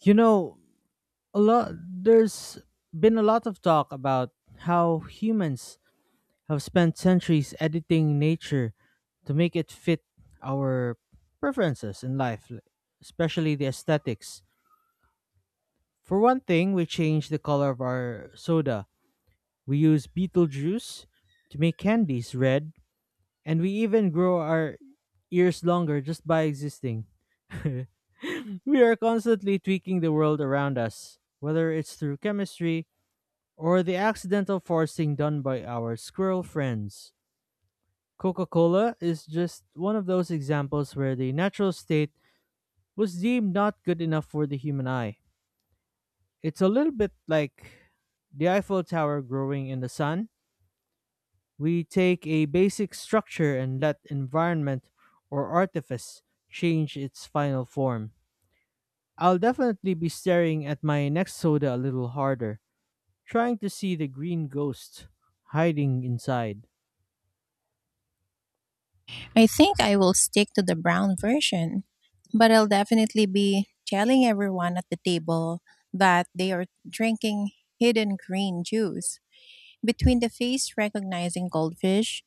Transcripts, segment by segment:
You know, a lot there's been a lot of talk about how humans have spent centuries editing nature to make it fit our preferences in life, especially the aesthetics. For one thing, we change the color of our soda. We use beetle juice to make candies red, and we even grow our ears longer just by existing. We are constantly tweaking the world around us, whether it's through chemistry or the accidental forcing done by our squirrel friends. Coca Cola is just one of those examples where the natural state was deemed not good enough for the human eye. It's a little bit like the Eiffel Tower growing in the sun. We take a basic structure and let environment or artifice change its final form. I'll definitely be staring at my next soda a little harder, trying to see the green ghost hiding inside. I think I will stick to the brown version, but I'll definitely be telling everyone at the table that they are drinking hidden green juice. Between the face recognizing goldfish,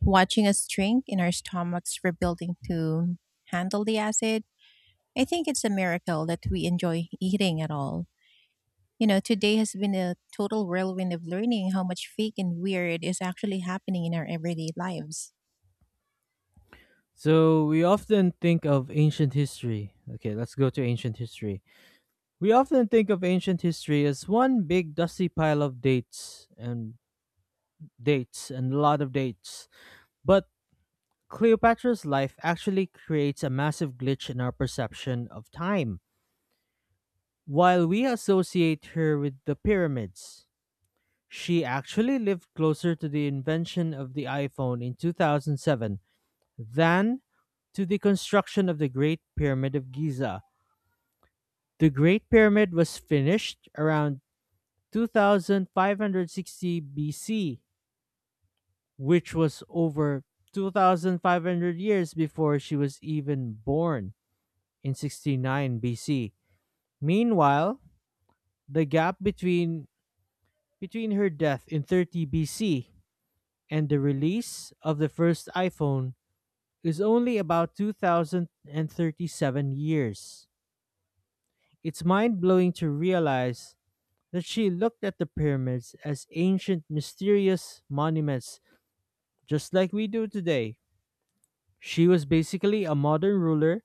watching us drink, and our stomachs rebuilding to handle the acid, I think it's a miracle that we enjoy eating at all. You know, today has been a total whirlwind of learning how much fake and weird is actually happening in our everyday lives. So we often think of ancient history. Okay, let's go to ancient history. We often think of ancient history as one big dusty pile of dates and dates and a lot of dates. But Cleopatra's life actually creates a massive glitch in our perception of time. While we associate her with the pyramids, she actually lived closer to the invention of the iPhone in 2007 than to the construction of the Great Pyramid of Giza. The Great Pyramid was finished around 2560 BC, which was over 2,500 years before she was even born in 69 BC. Meanwhile, the gap between her death in 30 BC and the release of the first iPhone is only about 2037 years. It's mind-blowing to realize that she looked at the pyramids as ancient, mysterious monuments, just like we do today. She was basically a modern ruler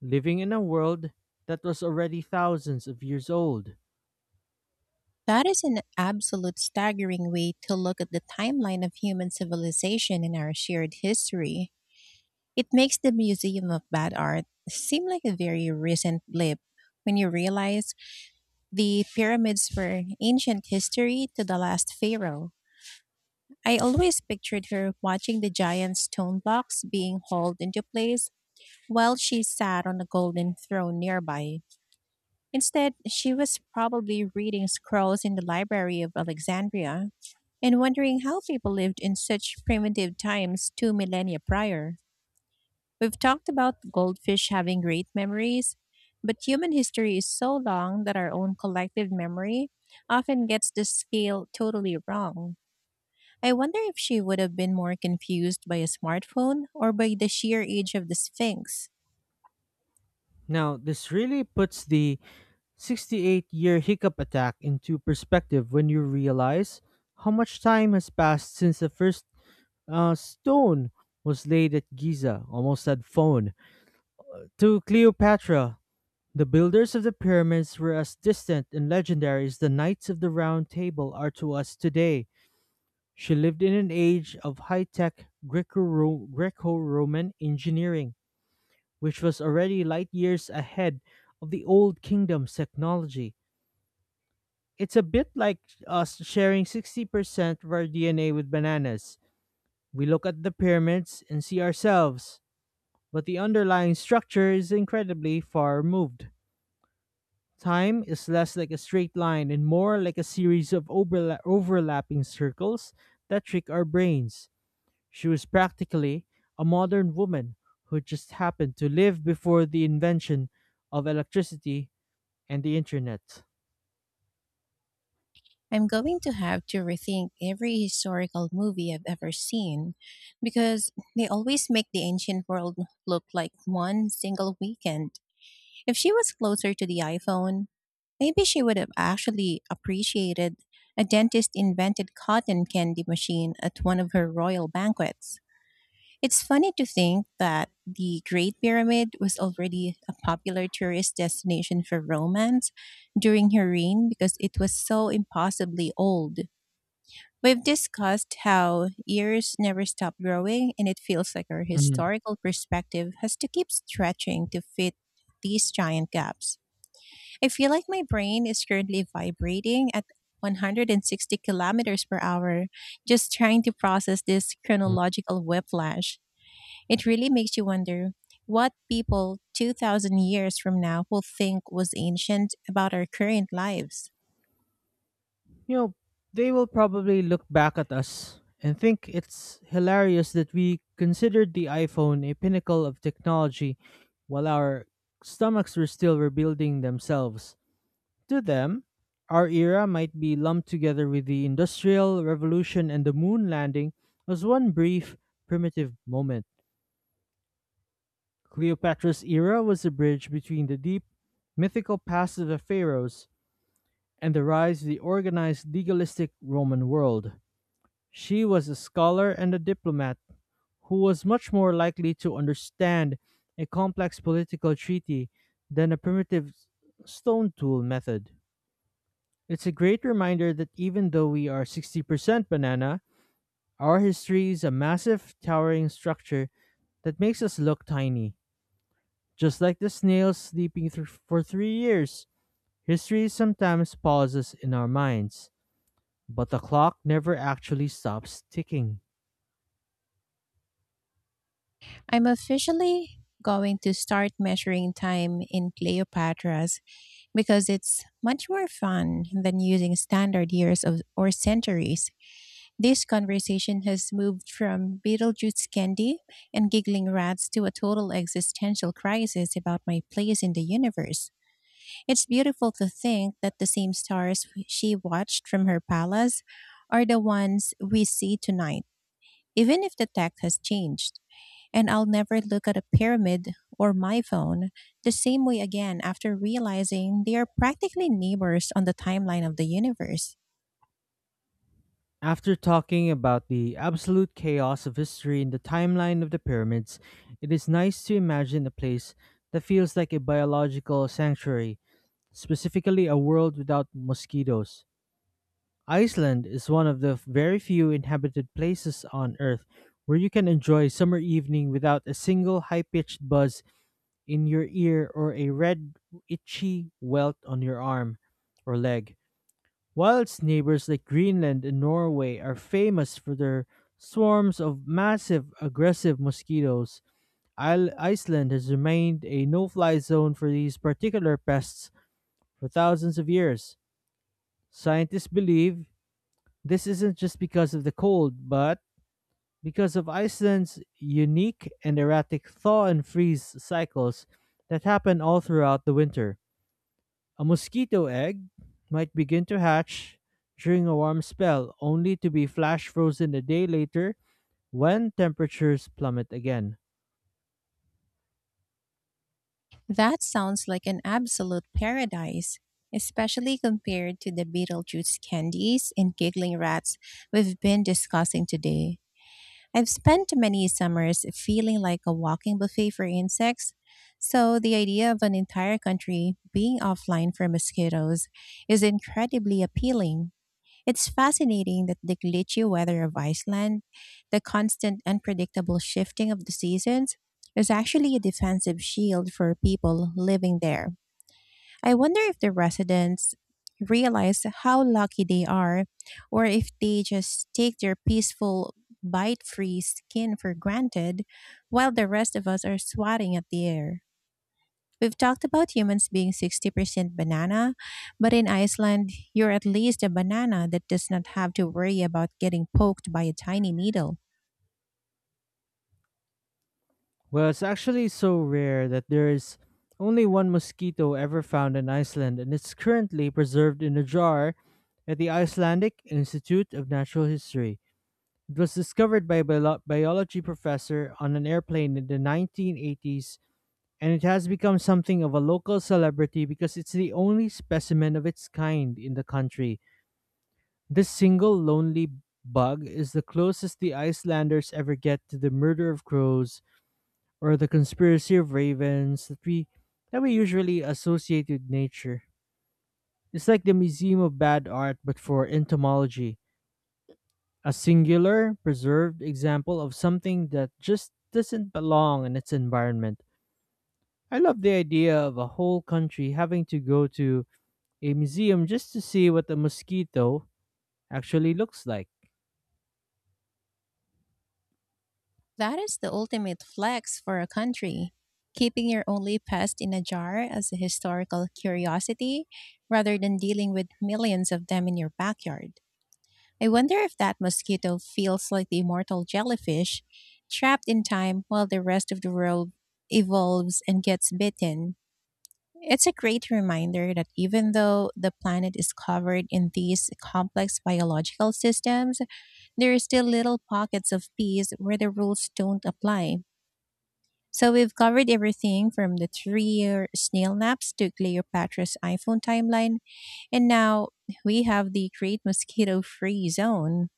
living in a world that was already thousands of years old. That is an absolute staggering way to look at the timeline of human civilization in our shared history. It makes the Museum of Bad Art seem like a very recent blip when you realize the pyramids were ancient history to the last pharaoh. I always pictured her watching the giant stone blocks being hauled into place while she sat on a golden throne nearby. Instead, she was probably reading scrolls in the Library of Alexandria and wondering how people lived in such primitive times 2 millennia prior. We've talked about goldfish having great memories, but human history is so long that our own collective memory often gets the scale totally wrong. I wonder if she would have been more confused by a smartphone or by the sheer age of the Sphinx. Now, this really puts the 68-year hiccup attack into perspective when you realize how much time has passed since the first stone was laid at Giza, almost said phone, to Cleopatra. The builders of the pyramids were as distant and legendary as the Knights of the Round Table are to us today. She lived in an age of high tech Greco Roman engineering, which was already light years ahead of the Old Kingdom's technology. It's a bit like us sharing 60% of our DNA with bananas. We look at the pyramids and see ourselves, but the underlying structure is incredibly far removed. Time is less like a straight line and more like a series of overlapping circles that trick our brains. She was practically a modern woman who just happened to live before the invention of electricity and the internet. I'm going to have to rethink every historical movie I've ever seen, because they always make the ancient world look like one single weekend. If she was closer to the iPhone, maybe she would have actually appreciated a dentist invented cotton candy machine at one of her royal banquets. It's funny to think that the Great Pyramid was already a popular tourist destination for romance during her reign because it was so impossibly old. We've discussed how years never stop growing, and it feels like our Mhm. historical perspective has to keep stretching to fit these giant gaps. I feel like my brain is currently vibrating at 160 kilometers per hour, just trying to process this Mhm. chronological whiplash. It really makes you wonder what people 2,000 years from now will think was ancient about our current lives. You know, they will probably look back at us and think it's hilarious that we considered the iPhone a pinnacle of technology while our stomachs were still rebuilding themselves. To them, our era might be lumped together with the Industrial Revolution and the moon landing as one brief, primitive moment. Cleopatra's era was a bridge between the deep, mythical past of the pharaohs and the rise of the organized, legalistic Roman world. She was a scholar and a diplomat who was much more likely to understand a complex political treaty than a primitive stone tool method. It's a great reminder that even though we are 60% banana, our history is a massive, towering structure that makes us look tiny. Just like the snails sleeping thr for 3 years, history sometimes pauses in our minds, but the clock never actually stops ticking. I'm officially going to start measuring time in Cleopatra's, because it's much more fun than using standard years of, or centuries. This conversation has moved from Beetlejuice candy and giggling rats to a total existential crisis about my place in the universe. It's beautiful to think that the same stars she watched from her palace are the ones we see tonight, even if the tech has changed. And I'll never look at a pyramid or my phone the same way again, after realizing they are practically neighbors on the timeline of the universe. After talking about the absolute chaos of history in the timeline of the pyramids, it is nice to imagine a place that feels like a biological sanctuary, specifically a world without mosquitoes. Iceland is one of the very few inhabited places on Earth where you can enjoy summer evening without a single high pitched buzz in your ear, or a red, itchy welt on your arm or leg. While its neighbors like Greenland and Norway are famous for their swarms of massive, aggressive mosquitoes, Iceland has remained a no fly zone for these particular pests for thousands of years. Scientists believe this isn't just because of the cold, but because of Iceland's unique and erratic thaw and freeze cycles that happen all throughout the winter. A mosquito egg might begin to hatch during a warm spell, only to be flash frozen a day later when temperatures plummet again. That sounds like an absolute paradise, especially compared to the Beetlejuice candies and giggling rats we've been discussing today. I've spent many summers feeling like a walking buffet for insects, so the idea of an entire country being offline for mosquitoes is incredibly appealing. It's fascinating that the glitchy weather of Iceland, the constant unpredictable shifting of the seasons, is actually a defensive shield for people living there. I wonder if the residents realize how lucky they are, or if they just take their peaceful bite-free skin for granted while the rest of us are swatting at the air. We've talked about humans being 60% banana, but in Iceland, you're at least a banana that does not have to worry about getting poked by a tiny needle. Well, it's actually so rare that there is only one mosquito ever found in Iceland, and it's currently preserved in a jar at the Icelandic Institute of Natural History. It was discovered by a biology professor on an airplane in the 1980s, and it has become something of a local celebrity because it's the only specimen of its kind in the country. This single lonely bug is the closest the Icelanders ever get to the murder of crows or the conspiracy of ravens that we usually associate with nature. It's like the Museum of Bad Art but for entomology, a singular, preserved example of something that just doesn't belong in its environment. I love the idea of a whole country having to go to a museum just to see what a mosquito actually looks like. That is the ultimate flex for a country: keeping your only pest in a jar as a historical curiosity rather than dealing with millions of them in your backyard. I wonder if that mosquito feels like the immortal jellyfish, trapped in time while the rest of the world evolves and gets bitten. It's a great reminder that even though the planet is covered in these complex biological systems, there are still little pockets of peace where the rules don't apply. So we've covered everything from the three-year snail naps to Cleopatra's iPhone timeline, and now we have the great mosquito-free zone.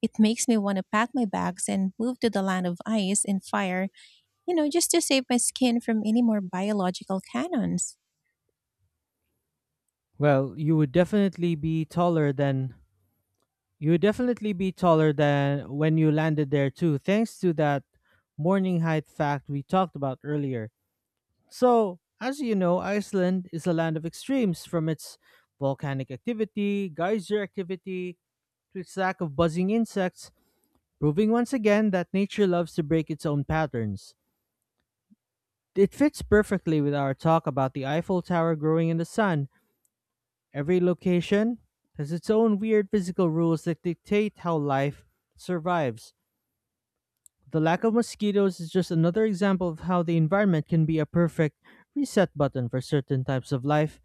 It makes me want to pack my bags and move to the land of ice and fire, you know, just to save my skin from any more biological cannons. Well, you would definitely be taller than when you landed there too, thanks to that morning height fact we talked about earlier. So, as you know, Iceland is a land of extremes, from its volcanic activity, geyser activity, to its lack of buzzing insects, proving once again that nature loves to break its own patterns. It fits perfectly with our talk about the Eiffel Tower growing in the sun. Every location has its own weird physical rules that dictate how life survives. The lack of mosquitoes is just another example of how the environment can be a perfect reset button for certain types of life.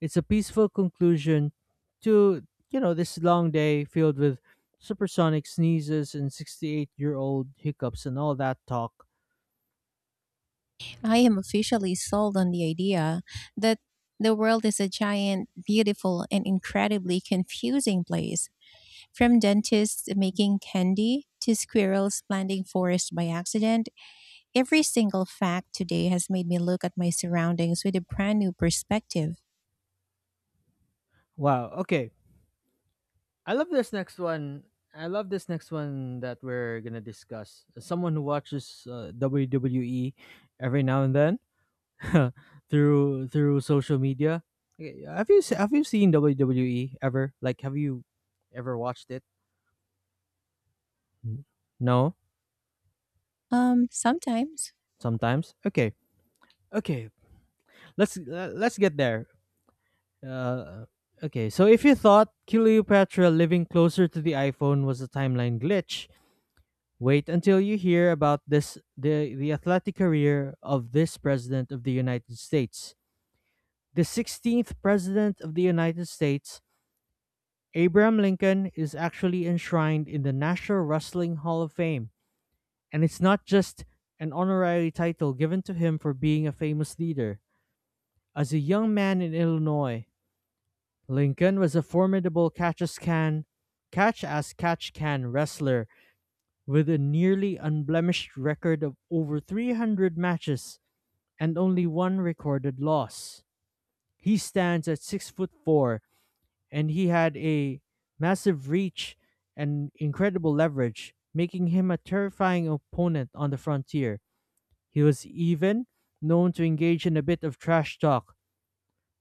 It's a peaceful conclusion to, this long day filled with supersonic sneezes and 68-year-old hiccups and all that talk. I am officially sold on the idea that the world is a giant, beautiful, and incredibly confusing place. From dentists making candy to squirrels planting forests by accident, every single fact today has made me look at my surroundings with a brand new perspective. Wow. Okay. I love this next one. I love this next one that we're going to discuss. As someone who watches WWE every now and then, through social media. Okay, have you have you seen WWE ever? Like, have you ever watched it? N- No, Sometimes. sometimes. Okay, okay. Let's let's get there. Uh, okay. So if you thought Cleopatra living closer to the iPhone was a timeline glitch, wait until you hear about this, the athletic career of this president of the United States. The 16th president of the United States, Abraham Lincoln, is actually enshrined in the National Wrestling Hall of Fame, and it's not just an honorary title given to him for being a famous leader. As a young man in Illinois, Lincoln was a formidable catch as catch can wrestler with a nearly unblemished record of over 300 matches and only one recorded loss. He stands at 6 foot 4 and he had a massive reach and incredible leverage, making him a terrifying opponent on the frontier. He was even known to engage in a bit of trash talk,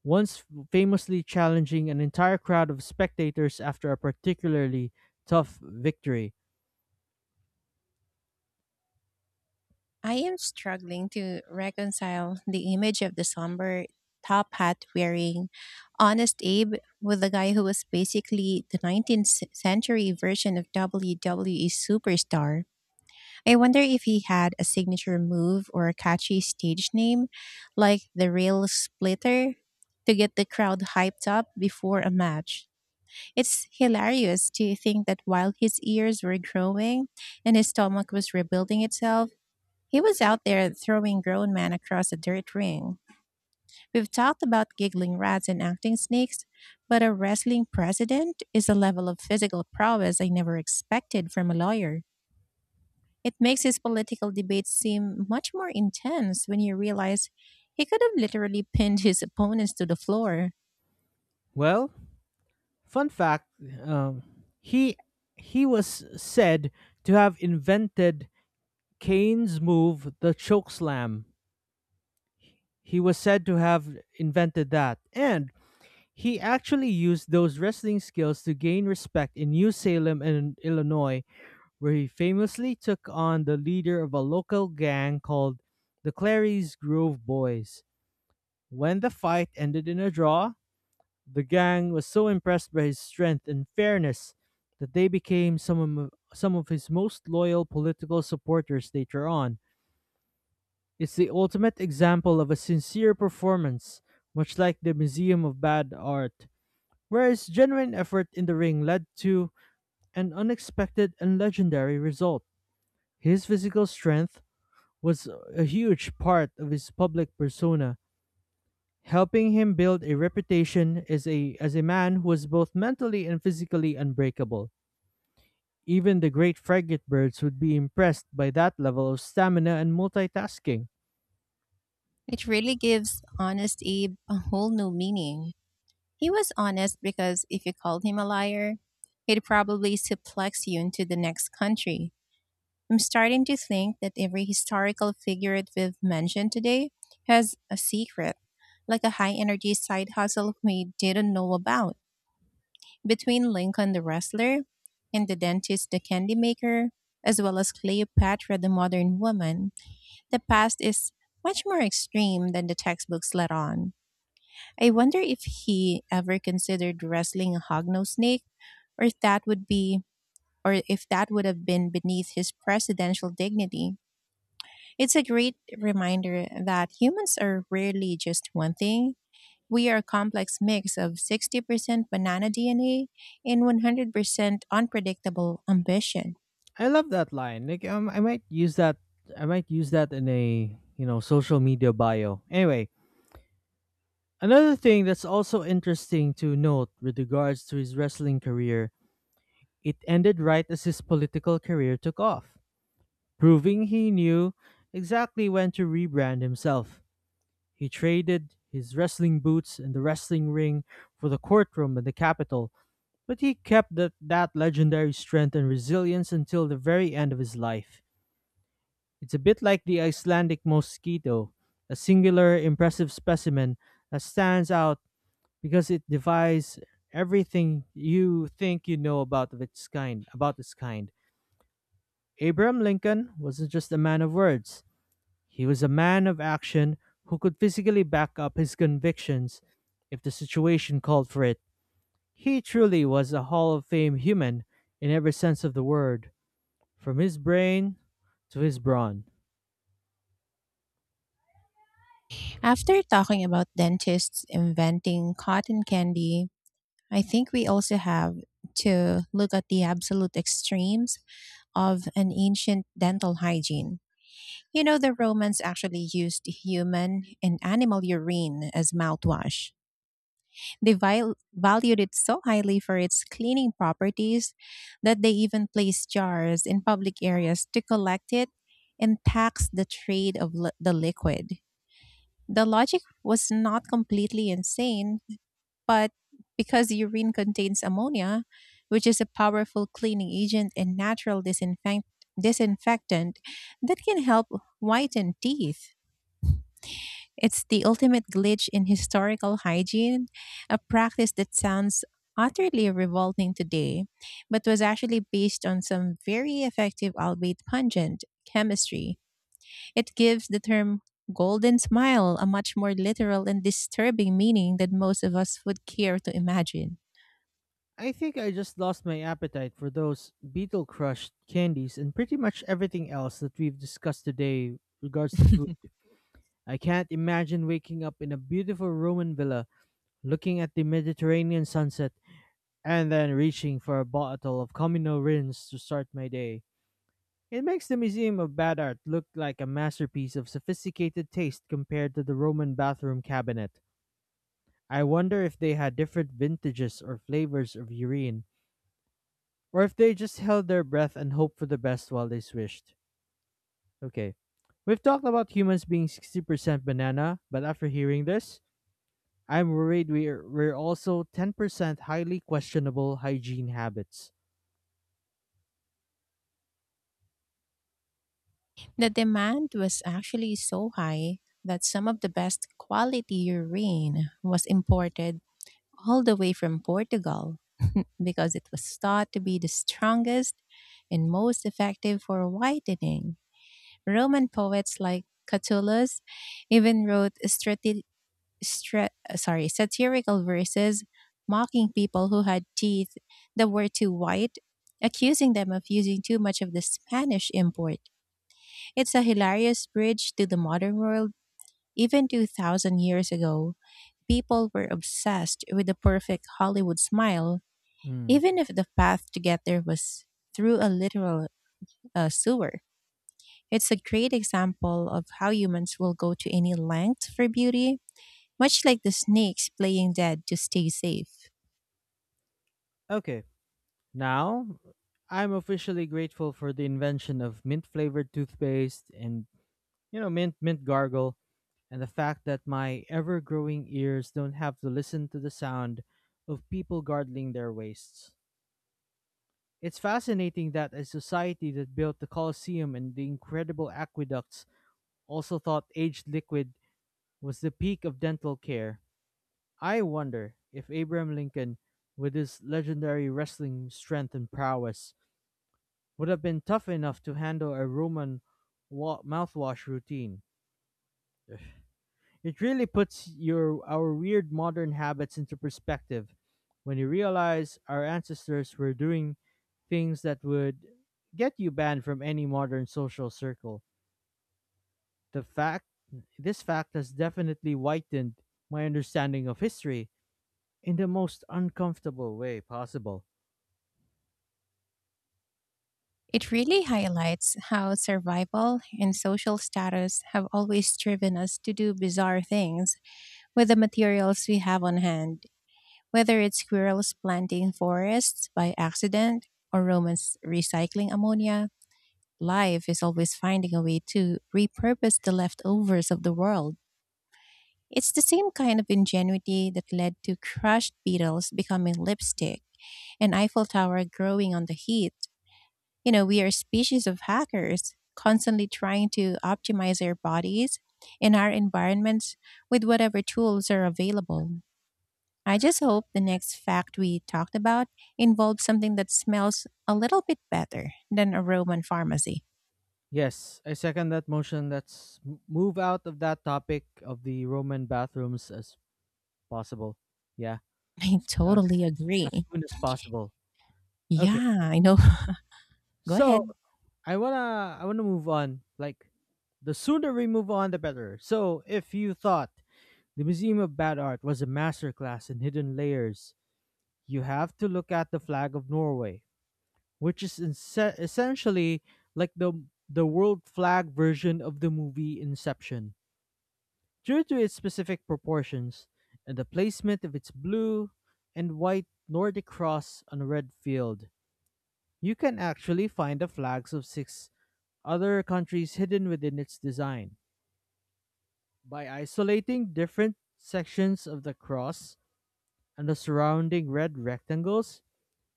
once famously challenging an entire crowd of spectators after a particularly tough victory. I am struggling to reconcile the image of the somber, top hat wearing Honest Abe with the guy who was basically the 19th century version of WWE superstar. I wonder if he had a signature move or a catchy stage name like the Rail Splitter to get the crowd hyped up before a match. It's hilarious to think that while his ears were growing and his stomach was rebuilding itself, he was out there throwing grown men across a dirt ring. We've talked about giggling rats and acting snakes, but a wrestling president is a level of physical prowess I never expected from a lawyer. It makes his political debates seem much more intense when you realize he could have literally pinned his opponents to the floor. Well, fun fact: um, he he was said to have invented Kane's move, the chokeslam. He was said to have invented that, and he actually used those wrestling skills to gain respect in New Salem in Illinois, where he famously took on the leader of a local gang called the Clary's Grove Boys. When the fight ended in a draw, the gang was so impressed by his strength and fairness that they became some of his most loyal political supporters later on. It's the ultimate example of a sincere performance, much like the Museum of Bad Art, where his genuine effort in the ring led to an unexpected and legendary result. His physical strength was a huge part of his public persona, helping him build a reputation as a man who was both mentally and physically unbreakable. Even the great frigatebirds would be impressed by that level of stamina and multitasking. It really gives Honest Abe a whole new meaning. He was honest because if you called him a liar, he'd probably suplex you into the next country. I'm starting to think that every historical figure that we've mentioned today has a secret, like a high energy side hustle we didn't know about. Between Lincoln the wrestler and the dentist the candy maker, as well as Cleopatra the modern woman, the past is much more extreme than the textbooks let on. I wonder if he ever considered wrestling a hognose snake, or if that would be or if that would have been beneath his presidential dignity. It's a great reminder that humans are rarely just one thing. We are a complex mix of 60% banana DNA and 100% unpredictable ambition. I love that line. Like I might use that. I might use that in a social media bio. Anyway, another thing that's also interesting to note with regards to his wrestling career, it ended right as his political career took off, proving he knew exactly when to rebrand himself. He traded his wrestling boots and the wrestling ring for the courtroom and the Capitol, but he kept that legendary strength and resilience until the very end of his life. It's a bit like the Icelandic mosquito, a singular, impressive specimen that stands out because it defies everything you think you know about of its kind. About its kind, Abraham Lincoln wasn't just a man of words; he was a man of action who could physically back up his convictions if the situation called for it. He truly was a Hall of Fame human in every sense of the word, from his brain to his brawn. After talking about dentists inventing cotton candy, I think we also have to look at the absolute extremes of an ancient dental hygiene. You know, the Romans actually used human and animal urine as mouthwash. They valued it so highly for its cleaning properties that they even placed jars in public areas to collect it and tax the trade of the liquid. The logic was not completely insane, but because urine contains ammonia, which is a powerful cleaning agent and natural disinfectant that can help whiten teeth. It's the ultimate glitch in historical hygiene, a practice that sounds utterly revolting today, but was actually based on some very effective, albeit pungent, chemistry. It gives the term golden smile a much more literal and disturbing meaning than most of us would care to imagine. I think I just lost my appetite for those beetle crushed candies and pretty much everything else that we've discussed today regards to food. I can't imagine waking up in a beautiful Roman villa, looking at the Mediterranean sunset, and then reaching for a bottle of Camino Rins to start my day. It makes the Museum of Bad Art look like a masterpiece of sophisticated taste compared to the Roman bathroom cabinet. I wonder if they had different vintages or flavors of urine or if they just held their breath and hoped for the best while they swished. Okay. We've talked about humans being 60% banana, but after hearing this, I'm worried we're also 10% highly questionable hygiene habits. The demand was actually so high that some of the best quality urine was imported all the way from Portugal because it was thought to be the strongest and most effective for whitening. Roman poets like Catullus even wrote sorry, satirical verses mocking people who had teeth that were too white, accusing them of using too much of the Spanish import. It's a hilarious bridge to the modern world. Even 2,000 years ago, people were obsessed with the perfect Hollywood smile, Mm. even if the path to get there was through a literal sewer. It's a great example of how humans will go to any length for beauty, much like the snakes playing dead to stay safe. Okay, now I'm officially grateful for the invention of mint flavored toothpaste and, you know, mint gargle, and the fact that my ever growing ears don't have to listen to the sound of people gargling their waists. It's fascinating that a society that built the Colosseum and the incredible aqueducts also thought aged liquid was the peak of dental care. I wonder if Abraham Lincoln, with his legendary wrestling strength and prowess, would have been tough enough to handle a Roman mouthwash routine. It really puts your our weird modern habits into perspective when you realize our ancestors were doing things that would get you banned from any modern social circle. The fact this fact has definitely widened my understanding of history in the most uncomfortable way possible. It really highlights how survival and social status have always driven us to do bizarre things with the materials we have on hand. Whether it's squirrels planting forests by accident or Romans recycling ammonia, life is always finding a way to repurpose the leftovers of the world. It's the same kind of ingenuity that led to crushed beetles becoming lipstick and Eiffel Tower growing on the heat. You know, we are a species of hackers, constantly trying to optimize our bodies and our environments with whatever tools are available. I just hope the next fact we talked about involves something that smells a little bit better than a Roman pharmacy. Yes, I second that motion. Let's move out of that topic of the Roman bathrooms as possible. Yeah, I as totally as agree. soon as possible. Okay. Yeah, I know. Go So, ahead. I wanna move on. Like the sooner we move on the better. So if you thought the Museum of Bad Art was a masterclass in hidden layers, you have to look at the flag of Norway, which is essentially like the world flag version of the movie Inception. Due to its specific proportions and the placement of its blue and white Nordic cross on a red field, you can actually find the flags of six other countries hidden within its design. By isolating different sections of the cross and the surrounding red rectangles,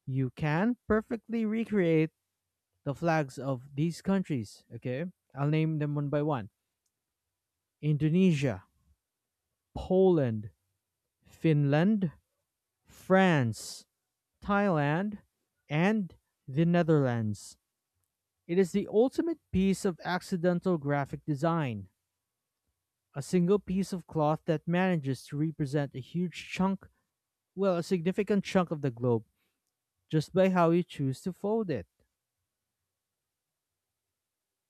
you can perfectly recreate the flags of these countries. Okay, I'll name them one by one: Indonesia, Poland, Finland, France, Thailand, and the Netherlands. It is the ultimate piece of accidental graphic design, a single piece of cloth that manages to represent a huge chunk, well, a significant chunk of the globe, just by how you choose to fold it.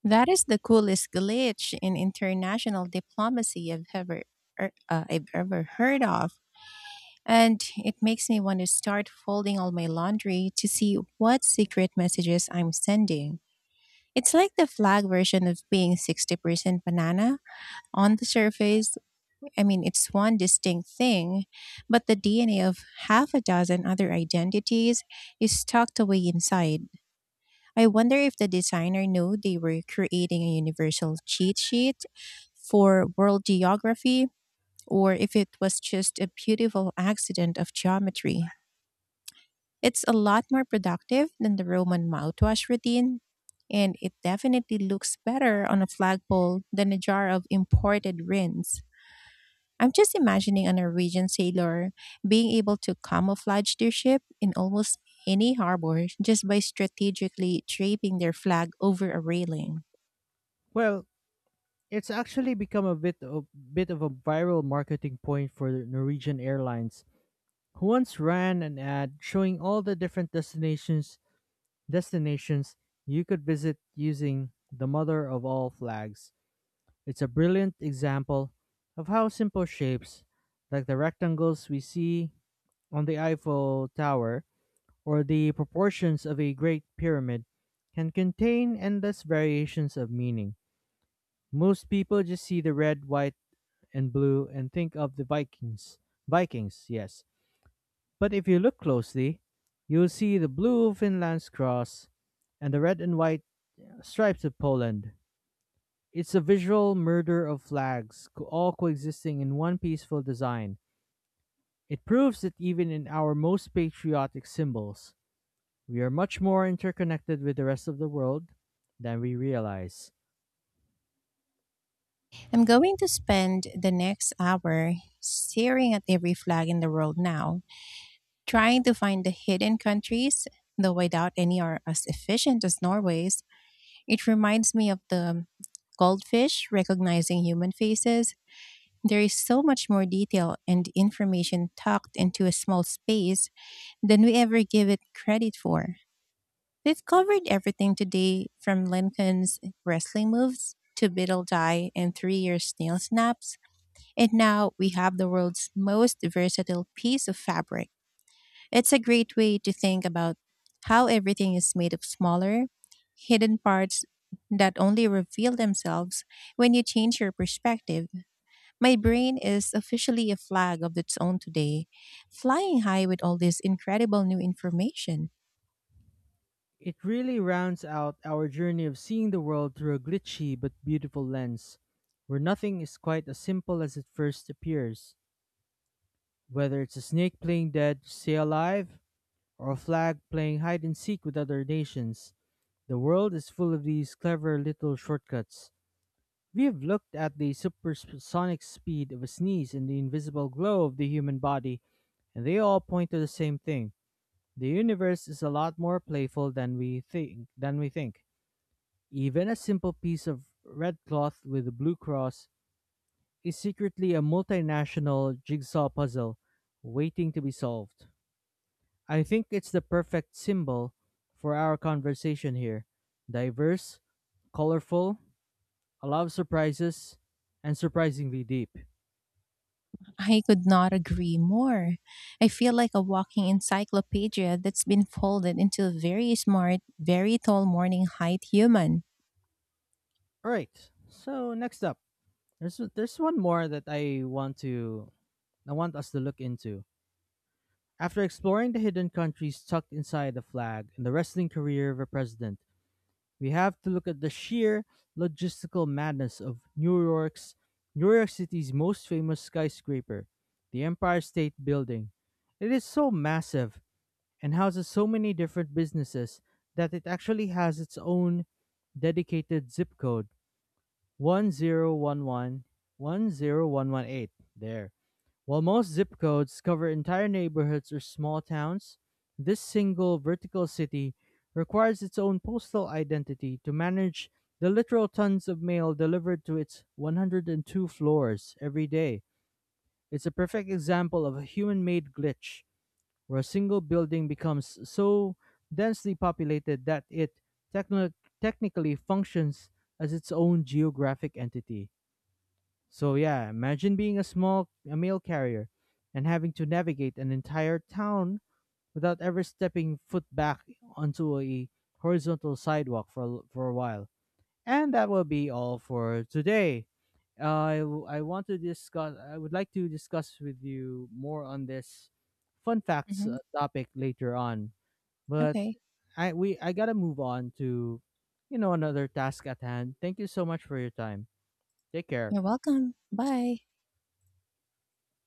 That is the coolest glitch in international diplomacy I've ever heard of, and it makes me want to start folding all my laundry to see what secret messages I'm sending. It's like the flag version of being 60% banana. On the surface, I mean, it's one distinct thing, but the DNA of half a dozen other identities is tucked away inside. I wonder if the designer knew they were creating a universal cheat sheet for world geography, or if it was just a beautiful accident of geometry. It's a lot more productive than the Roman mouthwash routine, and it definitely looks better on a flagpole than a jar of imported rinse. I'm just imagining a Norwegian sailor being able to camouflage their ship in almost any harbor just by strategically draping their flag over a railing. Well, it's actually become a bit of a viral marketing point for the Norwegian Airlines, who once ran an ad showing all the different destinations you could visit using the mother of all flags. It's a brilliant example of how simple shapes, like the rectangles we see on the Eiffel Tower, or the proportions of a great pyramid can contain endless variations of meaning. Most people just see the red, white, and blue and think of the Vikings. Vikings, yes. But if you look closely, you'll see the blue Finland's cross and the red and white stripes of Poland. It's a visual murder of flags, all coexisting in one peaceful design. It proves that even in our most patriotic symbols, we are much more interconnected with the rest of the world than we realize. I'm going to spend the next hour staring at every flag in the world now, trying to find the hidden countries, though I doubt any are as efficient as Norway's. It reminds me of the goldfish recognizing human faces. There is so much more detail and information tucked into a small space than we ever give it credit for. They've covered everything today from Lincoln's wrestling moves to Biddle Die and 3-year snail snaps, and now we have the world's most versatile piece of fabric. It's a great way to think about how everything is made of smaller, hidden parts that only reveal themselves when you change your perspective. My brain is officially a flag of its own today, flying high with all this incredible new information. It really rounds out our journey of seeing the world through a glitchy but beautiful lens, where nothing is quite as simple as it first appears. Whether it's a snake playing dead to stay alive, or a flag playing hide and seek with other nations, the world is full of these clever little shortcuts. We have looked at the supersonic speed of a sneeze and the invisible glow of the human body, and they all point to the same thing: the universe is a lot more playful than we think. Even a simple piece of red cloth with a blue cross is secretly a multinational jigsaw puzzle waiting to be solved. I think it's the perfect symbol for our conversation here. Diverse, colorful, a lot of surprises, and surprisingly deep. I could not agree more. I feel like a walking encyclopedia that's been folded into a very smart, very tall morning height human. All right. So next up, there's one more that I want us to look into. After exploring the hidden countries tucked inside the flag and the wrestling career of a president, we have to look at the sheer logistical madness of New York City's most famous skyscraper, the Empire State Building. It is so massive and houses so many different businesses that it actually has its own dedicated zip code, one zero one one, one zero one one eight. There, while most zip codes cover entire neighborhoods or small towns, this single vertical city requires its own postal identity to manage the literal tons of mail delivered to its 102 floors every day. It's a perfect example of a human made glitch where a single building becomes so densely populated that it techno- technically functions as its own geographic entity. So yeah, imagine being a mail carrier and having to navigate an entire town without ever stepping foot back onto a horizontal sidewalk for a while. And that will be all for today. I I want to discuss I would like to discuss with you more on this fun facts Hmm. Topic later on. But Okay. I got to move on to another task at hand. Thank you so much for your time. Take care. You're welcome. Bye.